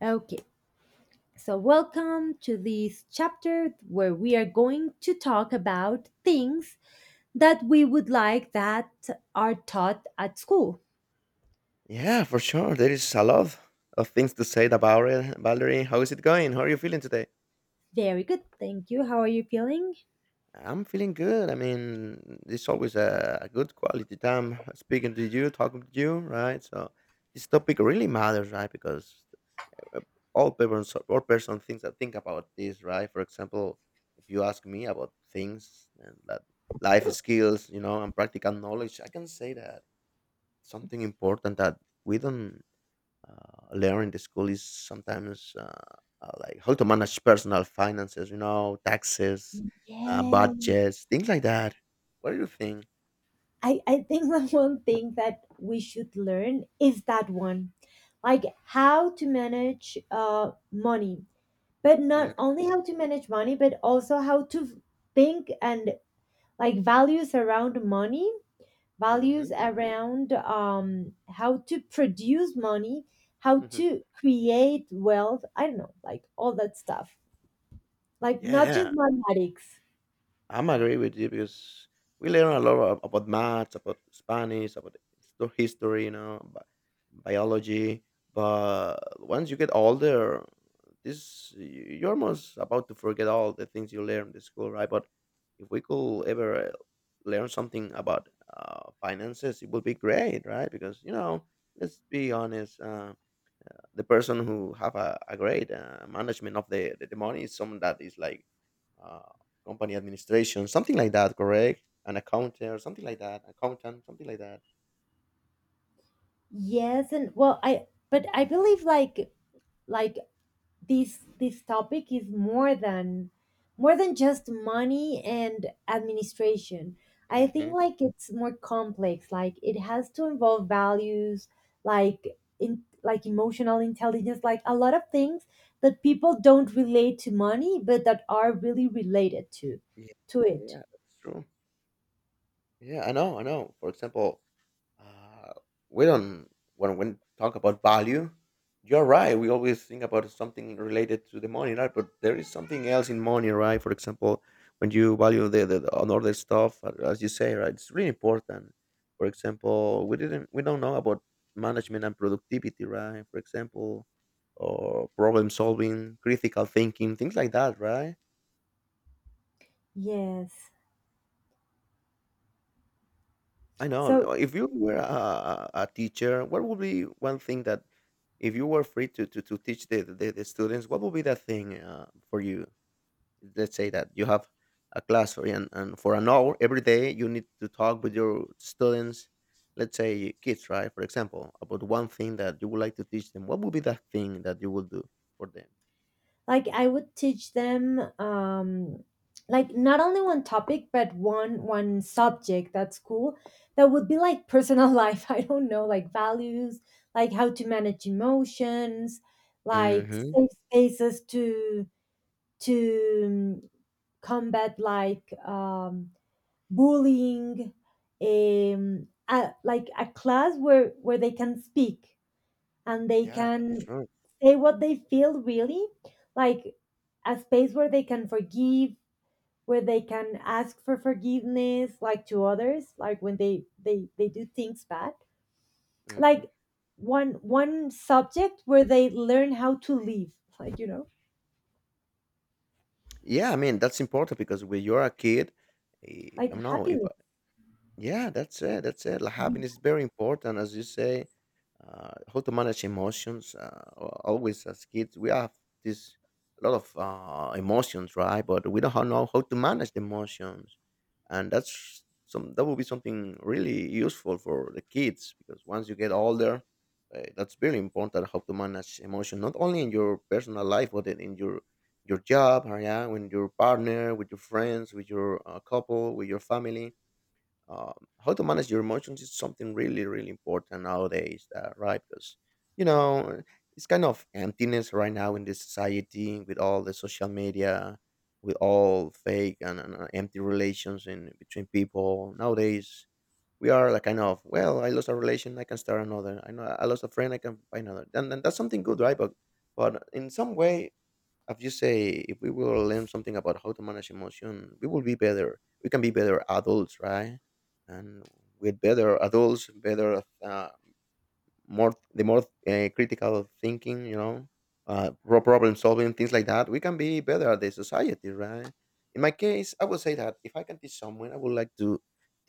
Okay, so welcome to this chapter where we are going to talk about things that we would like that are taught at school. Yeah, for sure. There is a lot of things to say about it. Valerie, how is it going? How are you feeling today? Very good, thank you. How are you feeling? I'm feeling good. I mean, it's always a good quality time speaking to you, talking to you, right? So this topic really matters, right? Because uh, all people, all person thinks that think about this, right? For example, if you ask me about things and that life skills, and practical knowledge, I can say that something important that we don't learn the school is sometimes like how to manage personal finances, taxes, Yeah, budgets, things like that. What do you think? I think the one thing that we should learn is that one like how to manage money, but not only how to manage money, but also how to think and like values around money values Mm-hmm. around how to produce money, how Hmm. to create wealth. I don't know, like all that stuff. Like Yeah, not just yeah. mathematics. I'm agree with you because we learn a lot about maths, about Spanish, about history, biology. But once you get older, this you're almost about to forget all the things you learned in school, right? But if we could ever learn something about finances, it would be great, right? Because let's be honest. The person who have a great management of the money is someone that is like uh, company administration, something like that, correct? An accountant or something like that, accountant, something like that. Yes, and well, I but I believe like this topic is more than just money and administration. I think Hmm. like it's more complex. Like it has to involve values, like in like emotional intelligence, like a lot of things that people don't relate to money but that are really related to Yeah, to it. yeah, that's true. Yeah, I know, I know. For example, Uh, we don't when we talk about value. You're right. We always think about something related to the money, right? But there is something else in money, right? For example, when you value the on other stuff, as you say, right, it's really important. For example, we don't know about management and productivity, right? For example, or problem solving, critical thinking, things like that, right? Yes. I know. So No, if you were a teacher, what would be one thing that, if you were free to teach the students, what would be that thing for you? Let's say that you have a class for, and for an hour every day, you need to talk with your students, let's say kids, right? For example, about one thing that you would like to teach them. What would be that thing that you would do for them? like I would teach them like not only one topic but one subject that's cool, that would be like personal life. I don't know, like values, like how to manage emotions, like Mm-hmm. safe spaces to to um, combat like bullying, a, like a class where they can speak and they Yeah, that's can true. say what they feel really, like a space where they can forgive, where they can ask for forgiveness, like to others, like when they do things bad, Hmm. like one subject where they learn how to live, like Yeah, I mean, that's important because when you're a kid, like I don't know if. happiness. Yeah, that's it. That's it. Like happiness is very important, as you say. How to manage emotions. Always as kids, we have this a lot of emotions, right? But we don't know how to manage the emotions, and that's some that will be something really useful for the kids. Because once you get older, that's very important how to manage emotion, not only in your personal life, but in your job, or yeah, with your partner, with your friends, with your couple, with your family. How to manage your emotions is something really really important nowadays, right? Because you know it's kind of emptiness right now in this society, with all the social media, with all fake and empty relations in between people nowadays. We are like kind of, well, I lost a relation, I can start another. I know, I lost a friend, I can find another. And that's something good, right? But in some way, as you say, if we will learn something about how to manage emotion, we will be better. We can be better adults, right? And with better adults, better, more the more critical thinking, problem solving, things like that. We can be better at the society, right? In my case, I would say that if I can teach someone, I would like to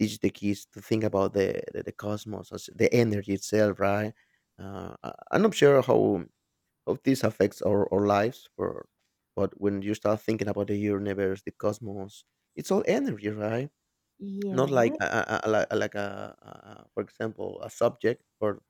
teach the kids to think about the cosmos, as the energy itself, right? I'm not sure how this affects our lives. But when you start thinking about the universe, the cosmos, it's all energy, right? Not like Yes, a for example, a subject or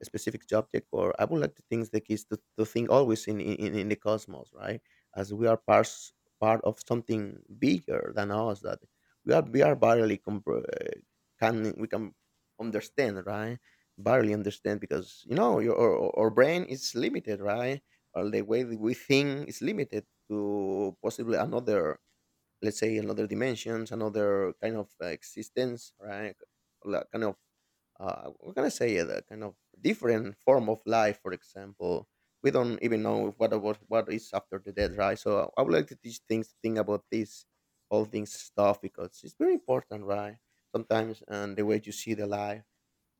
a specific subject. Or I would like to think the kids to think always in the cosmos, right? As we are part of something bigger than us that we are barely compre- can we can understand, right? Barely understand, because you know your our brain is limited, right? Or the way that we think is limited to possibly another, let's say another dimensions, another kind of existence, right? Like kind of, we're gonna say a kind of different form of life, for example. We don't even know what is after the death, right? So I would like to teach things think about this, all things stuff, because it's very important, right? Sometimes. And the way you see the life,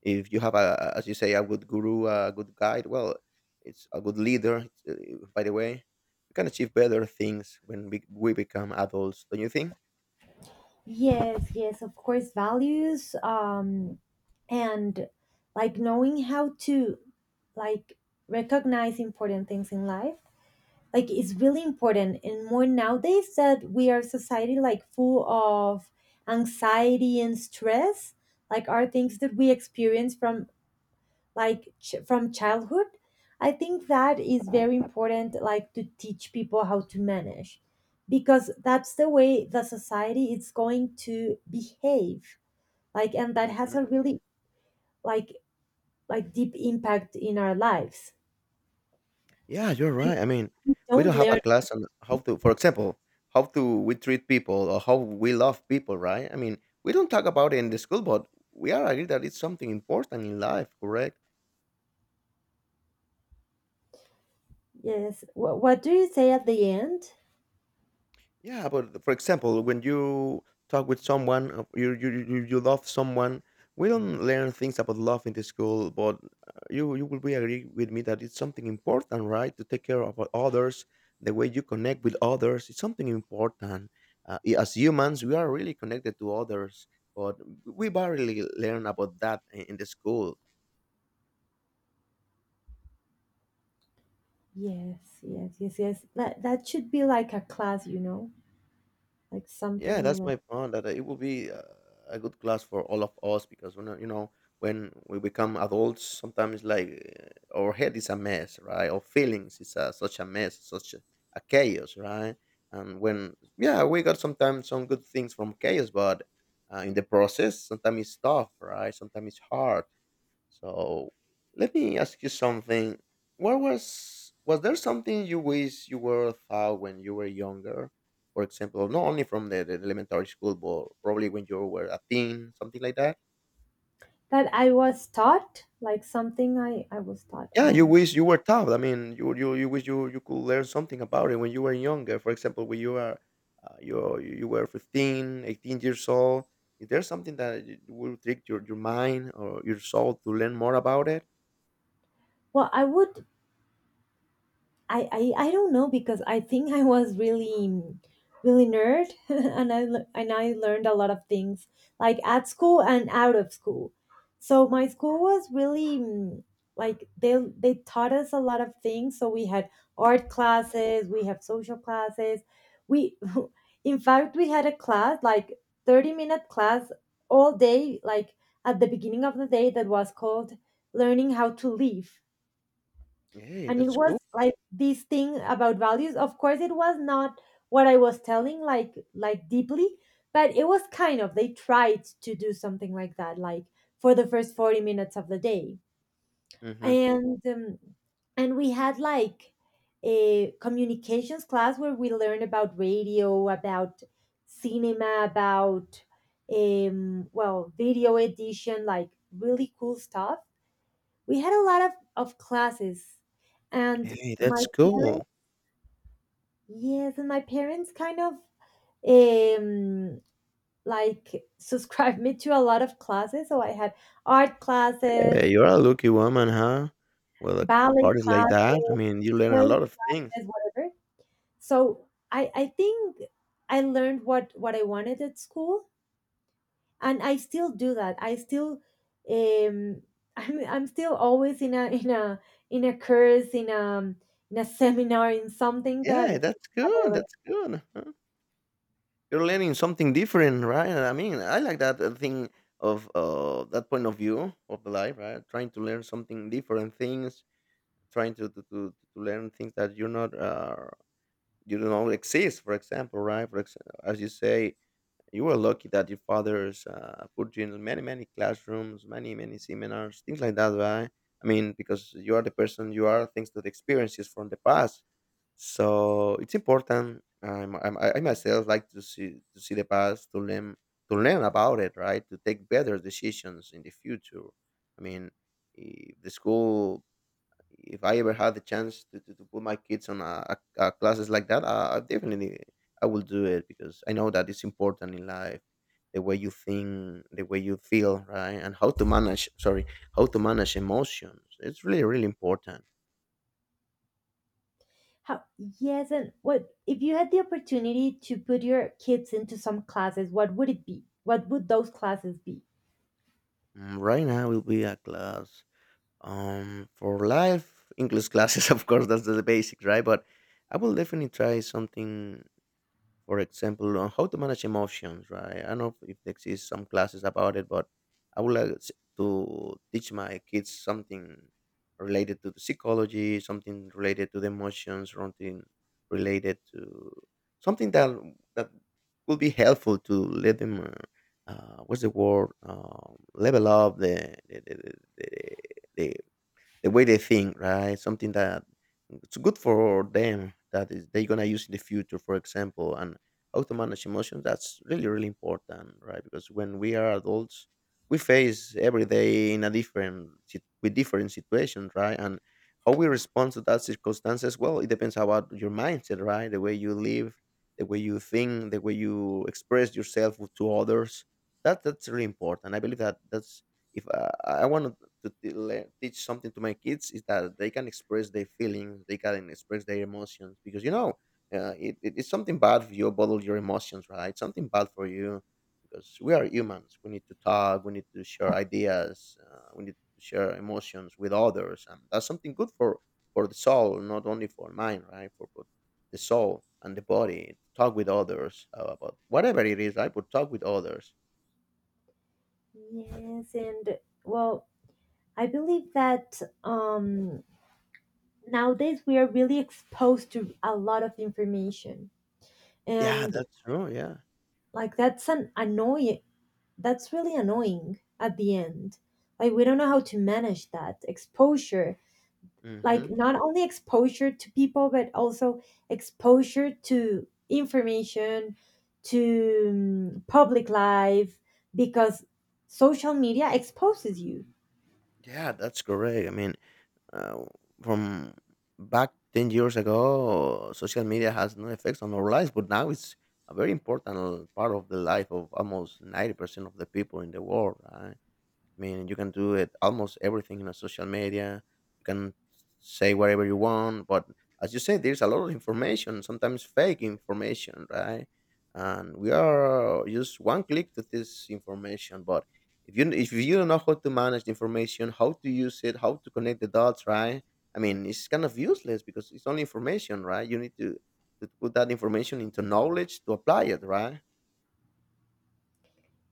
if you have a, as you say, a good guru, a good guide, well, it's a good leader. It's, by the way, we can achieve better things when we become adults, don't you think? yes, yes, of course values, and like knowing how to like recognize important things in life. Like it's really important and more nowadays that we are society like full of anxiety and stress, like are things that we experience from like from childhood. I think that is very important, like to teach people how to manage, because that's the way the society is going to behave, like and that has Hmm. a really like like deep impact in our lives. Yeah, you're right. I mean, we Don't don't have a learn. class on how to, for example, how to we treat people or how we love people, right? I mean, we don't talk about it in the school, but we are agreed that it's something important in life, correct? Yes. What do you say at the end? Yeah, but for example, when you talk with someone, you love someone. We don't learn things about love in the school, but you will be agree with me that it's something important, right? To take care of others, the way you connect with others, it's something important. As humans, we are really connected to others, but we barely learn about that in the school. Yes, yes, yes, yes. That should be like a class, you know, like something Yeah, that's my point. That it will be a good class for all of us, because when, you know, when we become adults, sometimes like our head is a mess, right? Our feelings is such a mess, such a chaos, right? And when, yeah, we got sometimes some good things from chaos, but in the process, sometimes it's tough, right? Sometimes it's hard, so let me ask you something. What was there something you wish you were taught when you were younger? For example, not only from the elementary school, but probably when you were a teen, something like that. that I was taught, like something I was taught. Yeah, you wish you were taught. I mean, you wish you could learn something about it when you were younger. For example, when you were you were 15, 18 years old. Is there something that will trick your mind or your soul to learn more about it? Well, I don't know because I think I was really really nerd and I learned a lot of things like at school and out of school. So my school was really like they taught us a lot of things. So we had art classes, we have social classes. We in fact we had a class like 30-minute class all day like at the beginning of the day that was called learning how to live. Hey, And it that's was cool. like this thing about values, of course it was not what I was telling like deeply, but it was kind of they tried to do something like that, like for the first 40 minutes of the day. Hmm. And um, and we had like a communications class where we learned about radio, about cinema, about well video edition, like really cool stuff. We had a lot of classes, and Hey, my. that's cool. Yes, and my parents kind of um like subscribed me to a lot of classes. So I had art classes, Hey, you're a lucky woman, huh? Well, ballet parties like classes, that. I mean, you learn a classes, lot of things. whatever. So I think I learned what I wanted at school, and I still do that. I still um I'm still always in a in a course, in a seminar, in something Yeah, that that's good. I. That's good, huh? You're learning something different, right? I mean, I like that thing of, that point of view of the life, right? Trying to learn something different things, trying to learn things that you're not, you don't know exist. For example, right? As you say, you were lucky that your fathers put you in many, many classrooms, many, many seminars, things like that, right? I mean, because you are the person you are, thanks to the experiences from the past. So it's important. I myself like to see the past, to learn about it, right? To take better decisions in the future. I mean, if the school, if I ever had the chance to put my kids on a classes like that, I definitely I will do it, because I know that it's important in life. The way you think, the way you feel, right, and how to manage. Sorry, how to manage emotions. It's really really important. How Yes, and what if you had the opportunity to put your kids into some classes, what would it be? What would those classes be? Right now, will be a class for life English classes. Of course, that's the basics, right? But I will definitely try something, for example, on how to manage emotions, right? I don't know if there exists some classes about it, but I would like to teach my kids something related to the psychology, something related to the emotions, something related to something that could be helpful to let them. What's the word? Level up the, the the way they think, right? Something that it's good for them, that is they're gonna use in the future, for example, and how to manage emotions. That's really really important, right? Because when we are adults, we face every day in a different with different situations, right? And how we respond to that circumstances, well, it depends about your mindset, right? The way you live, the way you think, the way you express yourself to others. That's really important. I believe that that's if I want to teach something to my kids, is that they can express their feelings, they can express their emotions, because it's something bad if you bottle your emotions, right? Something bad for you, because we are humans. We need to talk, we need to share ideas, we need to share emotions with others, and that's something good for the soul, not only for mind, right? For both the soul and the body. Talk with others about whatever it is, right? But talk with others. Yes, and well, I believe that nowadays we are really exposed to a lot of information, Yeah, and that's true. Yeah. like that's an annoying. That's really annoying at the end. Like we don't know how to manage that exposure, Hmm. like not only exposure to people but also exposure to information, to public life, because social media exposes you. Yeah, that's correct. I mean, uh, from back 10 years ago, social media has no effects on our lives, but now it's a very important part of the life of almost 90% of the people in the world, right? I mean, you can do it almost everything in a social media. You can say whatever you want, but as you said, there's a lot of information, sometimes fake information, right? And we are just one click to this information. But if you don't know how to manage the information, how to use it, how to connect the dots, right? I mean, it's kind of useless because it's only information, right? You need to put that information into knowledge to apply it, right?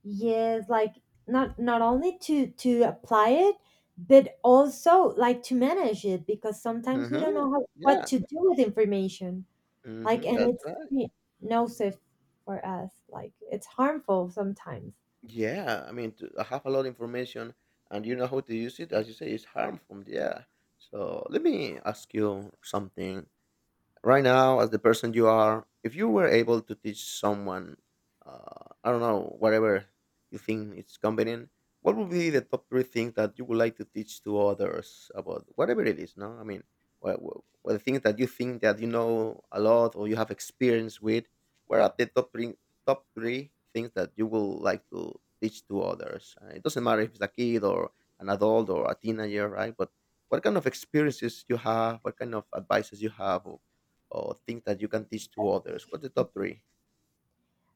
Yes, like not only to apply it but also like to manage it because sometimes we don't Mm-hmm. know how, what Yeah. to do with information. Like, Mm-hmm. and That's it's right. very nocive for us, like it's harmful sometimes. Yeah, I mean, have a lot of information, and you know how to use it. As you say, it's harmful. Yeah. So let me ask you something right now, as the person you are, if you were able to teach someone, I don't know, whatever you think it's convenient, what would be the top three things that you would like to teach to others about whatever it is? No, I mean, what, what, what the things that you think that you know a lot or you have experience with, what are the top three, top three things that you would like to teach to others? It doesn't matter if it's a kid or an adult or a teenager, right? But what kind of experiences you have, what kind of advices you have, or things that you can teach to others? What's the top three?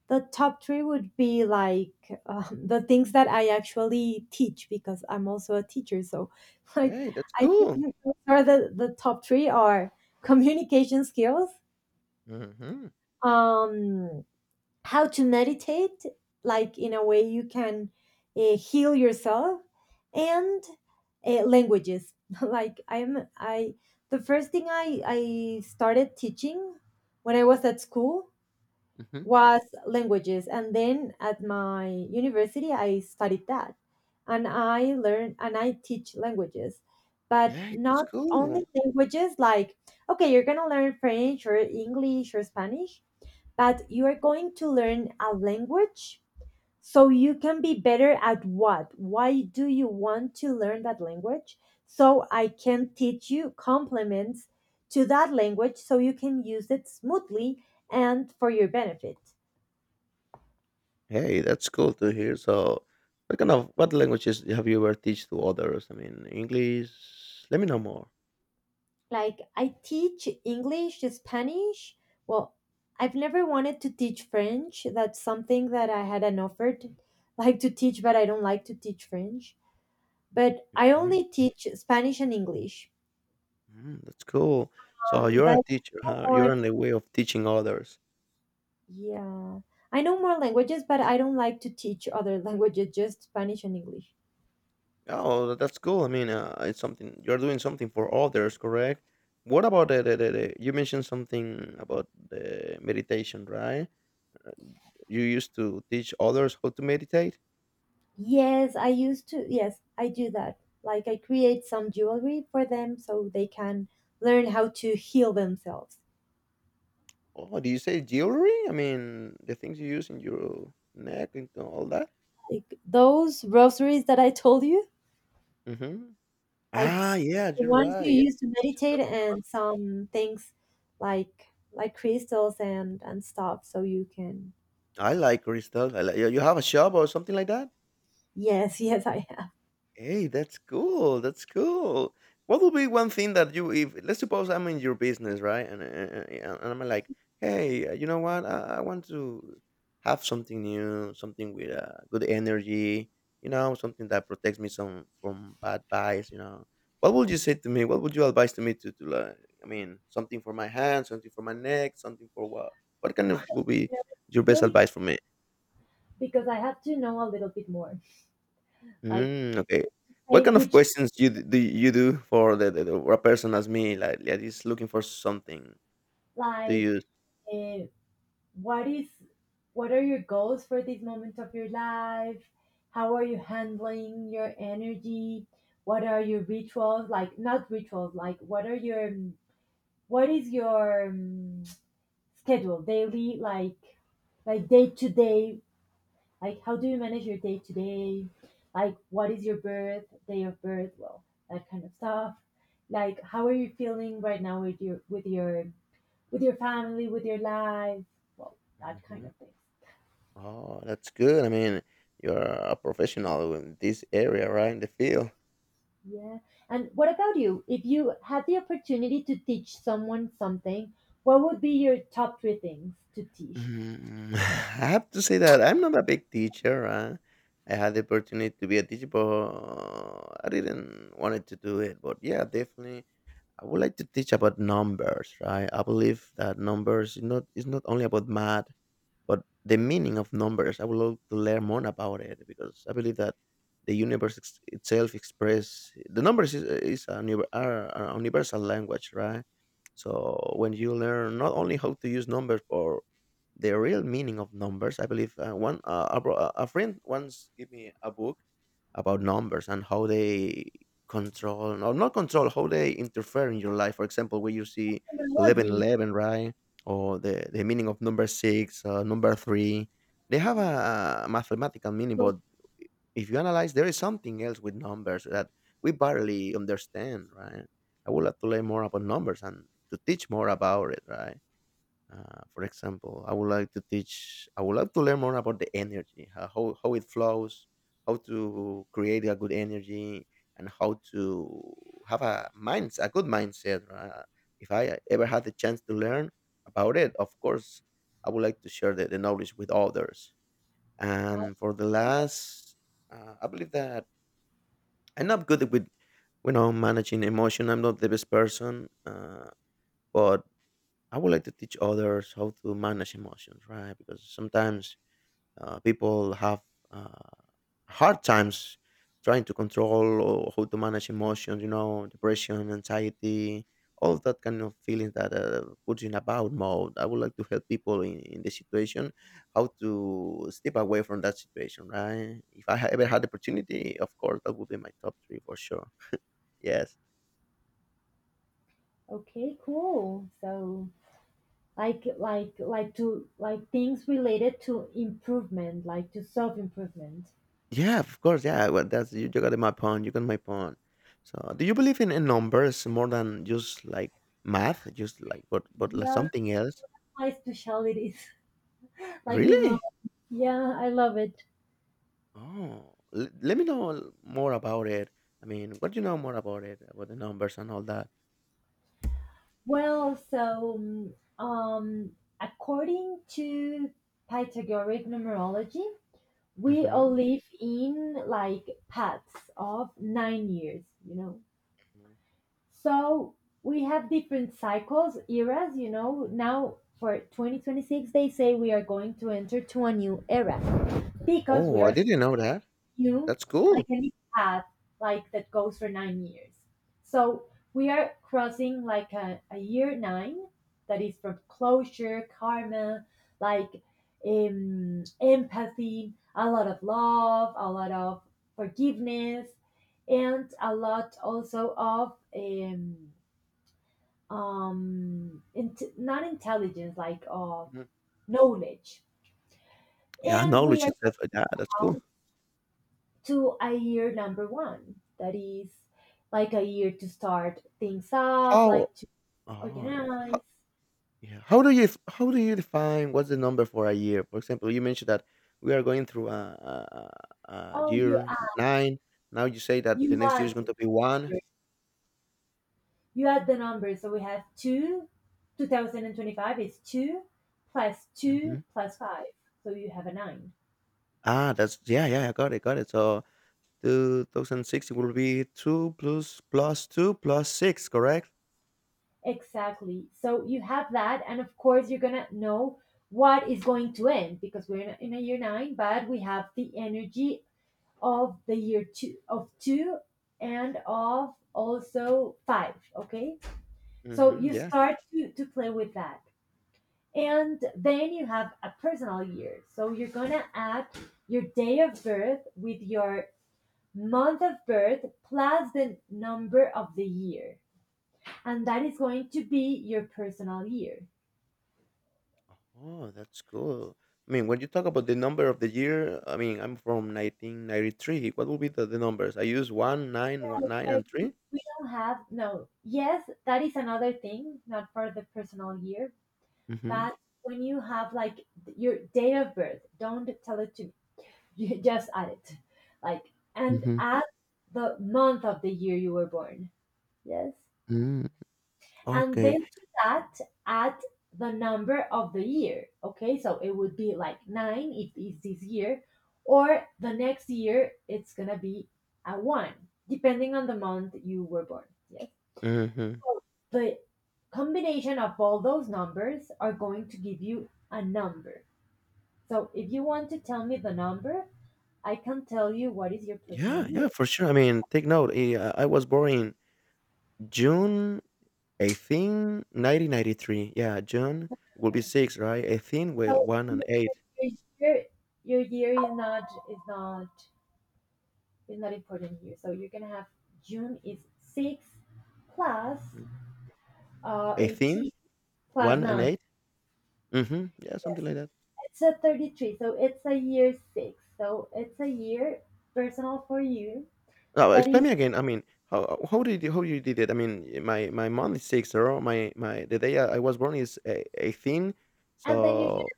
The top three would be like the things that I actually teach, because I'm also a teacher. So, like, Hey, that's I cool. think those are the top three are communication skills, Mm-hmm. um, how to meditate, like in a way you can heal yourself, and languages. Like, I'm I the first thing I started teaching when I was at school Mm-hmm. was languages, and then at my university I studied that, and I learn and I teach languages, but Hey, that's not only cool. languages. Like, okay, you're going to learn French or English or Spanish, but you are going to learn a language so you can be better at what. Why do you want to learn that language? So I can teach you complements to that language so you can use it smoothly and for your benefit. Hey, that's cool to hear. So, what kind of what languages have you ever teach to others? I mean, English. Let me know more. Like I teach English, Spanish. Well, I've never wanted to teach French. That's something that I had an offer to, like to teach, but I don't like to teach French. But I Mhm. only teach Spanish and English. Mm, that's cool. So But you're I a teacher, know huh? more, You're in the way of teaching others. yeah, I know more languages, but I don't like to teach other languages, just Spanish and English. Oh, that's cool. I mean, it's something you're doing something for others, correct? What about the you mentioned something about the meditation, right? You used to teach others how to meditate? Yes, I used to. Yes, I do that. Like I create some jewelry for them so they can learn how to heal themselves. Oh, do you say jewelry? I mean, the things you use in your neck and all that? Like those rosaries that I told you, Hmm. like Ah, yeah, the you're ones you right. Yeah. use to meditate, and some things like crystals and stuff, so you can. I like crystal. I like, you have a shop or something like that? Yes, yes, I have. Hey, that's cool. That's cool. What would be one thing that you, if let's suppose I'm in your business, right? And I'm like, hey, you know what? I want to have something new, something with good energy, you know, something that protects me some from bad vibes, you know. What would you say to me? What would you advise to me to like, I mean, something for my hand, something for my neck, something for what? What kind of would be You your know, best really, advice for me? because I had to know a little bit more, like Mm, okay. What kind of which, questions you do you do for for a person as me, like that is looking for something to use? like uh, what is. What are your goals for this moment of your life? How are you handling your energy? What are your rituals? Like not rituals, like what is your schedule daily, like day to day. Like how do you manage your day to day, like what is your birth day of birth. Well, that kind of stuff. Like how are you feeling right now with your with your family, with your life. Well, that kind Hmm. of thing. Oh, that's good. I mean, you're a professional in this area, right? In the field. Yeah, and what about you, if you had the opportunity to teach someone something, what would be your top three things to teach? Mm. I have to say that I'm not a big teacher. Huh? I had the opportunity to be a teacher, but I didn't wanted to do it. But yeah, definitely, I would like to teach about numbers, right? I believe that numbers is not only about math. But the meaning of numbers, I would love to learn more about it because I believe that the universe itself express the numbers are a universal language, right? So when you learn not only how to use numbers or the real meaning of numbers, I believe a friend once gave me a book about numbers and how they control or not control, how they interfere in your life. For example, where you see 11, Terminology. 11, right, or the meaning of number six, number three, they have a mathematical meaning. But if you analyze, there is something else with numbers that we barely understand, right? I would like to learn more about numbers and to teach more about it, right? For example, I would like to teach. I would like to learn more about the energy, how it flows, how to create a good energy, and how to have a good mindset. If I ever had the chance to learn about it, of course, I would like to share the knowledge with others. And for the last, I believe that I'm not good with, you know, managing emotion. I'm not the best person, but I would like to teach others how to manage emotions, right? Because sometimes people have uh, hard times trying to control or how to manage emotions, you know, depression, anxiety, all of that kind of feelings that puts you in about mode. I would like to help people in this situation, how to step away from that situation, right? If I ever had the opportunity, of course, that would be my top three for sure. Yes. Okay, cool. So like to like things related to improvement, like to self-improvement. Yeah, of course, yeah, well, that's you got my point, you got my point. So, do you believe in numbers more than just, like, math? Just, like, but like, Yeah, something else? my specialties. Like numerology. Really? Yeah, I love it. Oh, le let me know more about it. I mean, what do you know more about it, about the numbers and all that? Well, so um, according to Pythagorean numerology, we all Mhm. live in like paths of 9 years, you know. Mhm. So we have different cycles, eras, you know. Now for 2026, they say we are going to enter to a new era because we Oh, I are didn't know that. new, That's like cool. any path, like that goes for 9 years. So we are crossing like a year nine that is from closure, karma, like empathy, a lot of love, a lot of forgiveness, and a lot also of. Not intelligence, like Mhm. knowledge. Yeah, And we knowledge are going itself, yeah, that's cool. to a year number one, that is like a year to start things up, How, like to oh, yeah. organize. Yeah. How do you how do you define what's the number for a year? For example, you mentioned that we are going through a Oh, you year add, nine. Now you say that you the next year add is going to be one. you add the numbers, so we have two, 2025 is Hmm. two plus five, so you have a nine. Ah, that's yeah, yeah. I got it, got it. So 2060 will be two plus two plus six, correct? Exactly. So you have that, and of course, you're gonna know what is going to end because we're in a year nine, but we have the energy of the year two, of two, and of also five. Okay, so Mm-hmm, you yeah. start to play with that, and then you have a personal year. So you're gonna add your day of birth with your month of birth plus the number of the year, and that is going to be your personal year. Oh, that's cool. I mean, when you talk about the number of the year, I mean, I'm from 1993. What will be the numbers? I use one, nine, one, nine, But and 3. we don't have, no. Yes, that is another thing, not for the personal year, Mm-hmm. but when you have like your date of birth, don't tell it to me. You just add it, like and add the month of the year you were born. Yes, Mm-hmm. and Okay. then to that add the number of the year. Okay, so it would be like nine if it's this year, or the next year it's gonna be a one, depending on the month you were born. Yeah. Mhm. The combination of all those numbers are going to give you a number. So if you want to tell me the number, I can tell you what is your Yeah, personal year. yeah, for sure. I mean, take note. I was born in June 18, 1993. Yeah, June will be six, right? 18, well, So one and eight. Year- your year is not is not important here. So you're gonna have June is six plus Mm. 18, 18 plus one and nine. eight. Mm-hmm. Yeah, something Yes, like that. it's a 33. So it's a year six. So it's a year personal for you Now, that explain is, me again. I mean, how did you, how you did it? I mean, my month is six, or my the day I was born is 18. and then you So,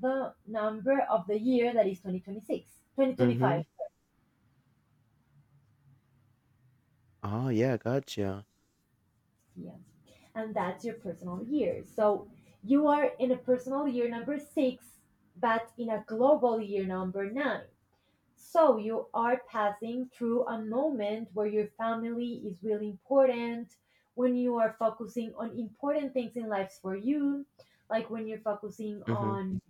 the number of the year that is six, 2026, twenty five, mm-hmm. Oh yeah, gotcha. yeah, and that's your personal year. So you are in a personal year number six but in a global year number nine. So you are passing through a moment where your family is really important, when you are focusing on important things in life for you, like when you're focusing Mm-hmm. on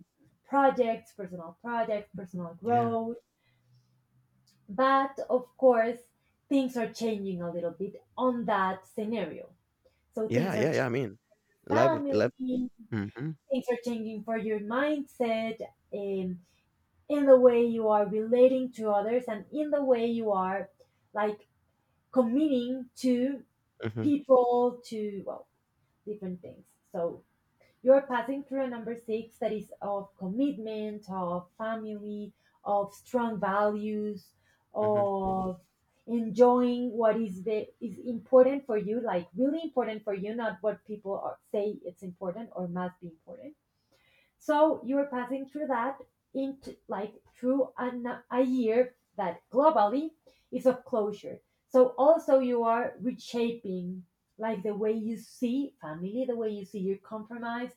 projects, personal projects, personal Yeah, growth. But of course, things are changing a little bit on that scenario. So things yeah, are yeah, yeah. changing, I mean, life, life. family, Mm-hmm. things are changing for your mindset, um, in the way you are relating to others, and in the way you are like committing to Mhm, people, to well, different things. So you're passing through a number six that is of commitment, of family, of strong values, mhm, of enjoying what is the is important for you, like really important for you, not what people are, say it's important or must be important. So you're passing through that into like through a year that globally is of closure. So also you are reshaping like the way you see family, the way you see your compromise,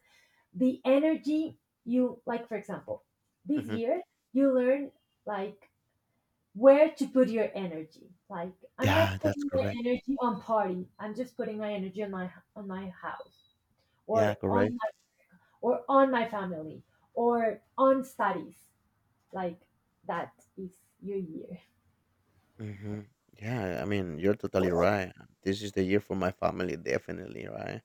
the energy you like. For example, this mhm. year you learn like where to put your energy, like I'm Yeah, not that's putting my correct. energy on party, I'm just putting my energy on my house, Yeah, or correct. Or on my family, or on studies. Like that is your year. Mhm. Yeah, I mean, you're totally right. This is the year for my family, definitely, right?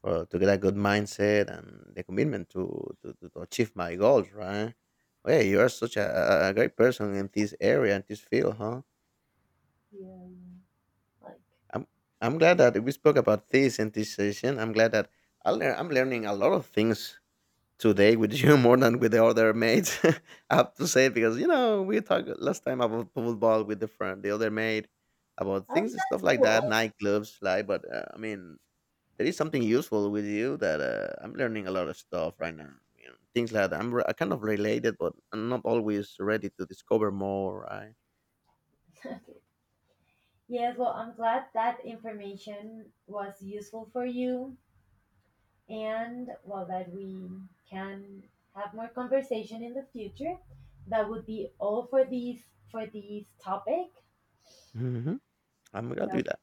For to get a good mindset and the commitment to to achieve my goals, right? Well, yeah, you are such a great person in this area and this field, huh? Yeah. Like. I'm I'm glad that we spoke about this in this session. I'm glad that I'm learning a lot of things today with you more than with the other mates. I have to say, because you know, we talked last time about football with the friend, the other mate, about Oh, things and that's stuff like cool. that, nightclubs, like. But I mean, there is something useful with you that I'm learning a lot of stuff right now. You know, things like that. Kind of related, but I'm not always ready to discover more, right? Okay. Yes, well I'm glad that information was useful for you, and well that we can have more conversation in the future. That would be all for this topic. Hmm. I'm gonna So do that.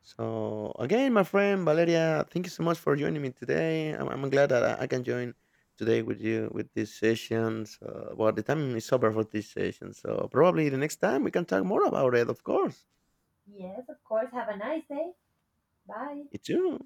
So again, my friend Valeria, thank you so much for joining me today. I'm glad that I can join today with you with this session. So, well, the time is over for this session. So probably the next time we can talk more about it. Of course, yes, of course. Have a nice day. Bye. you too.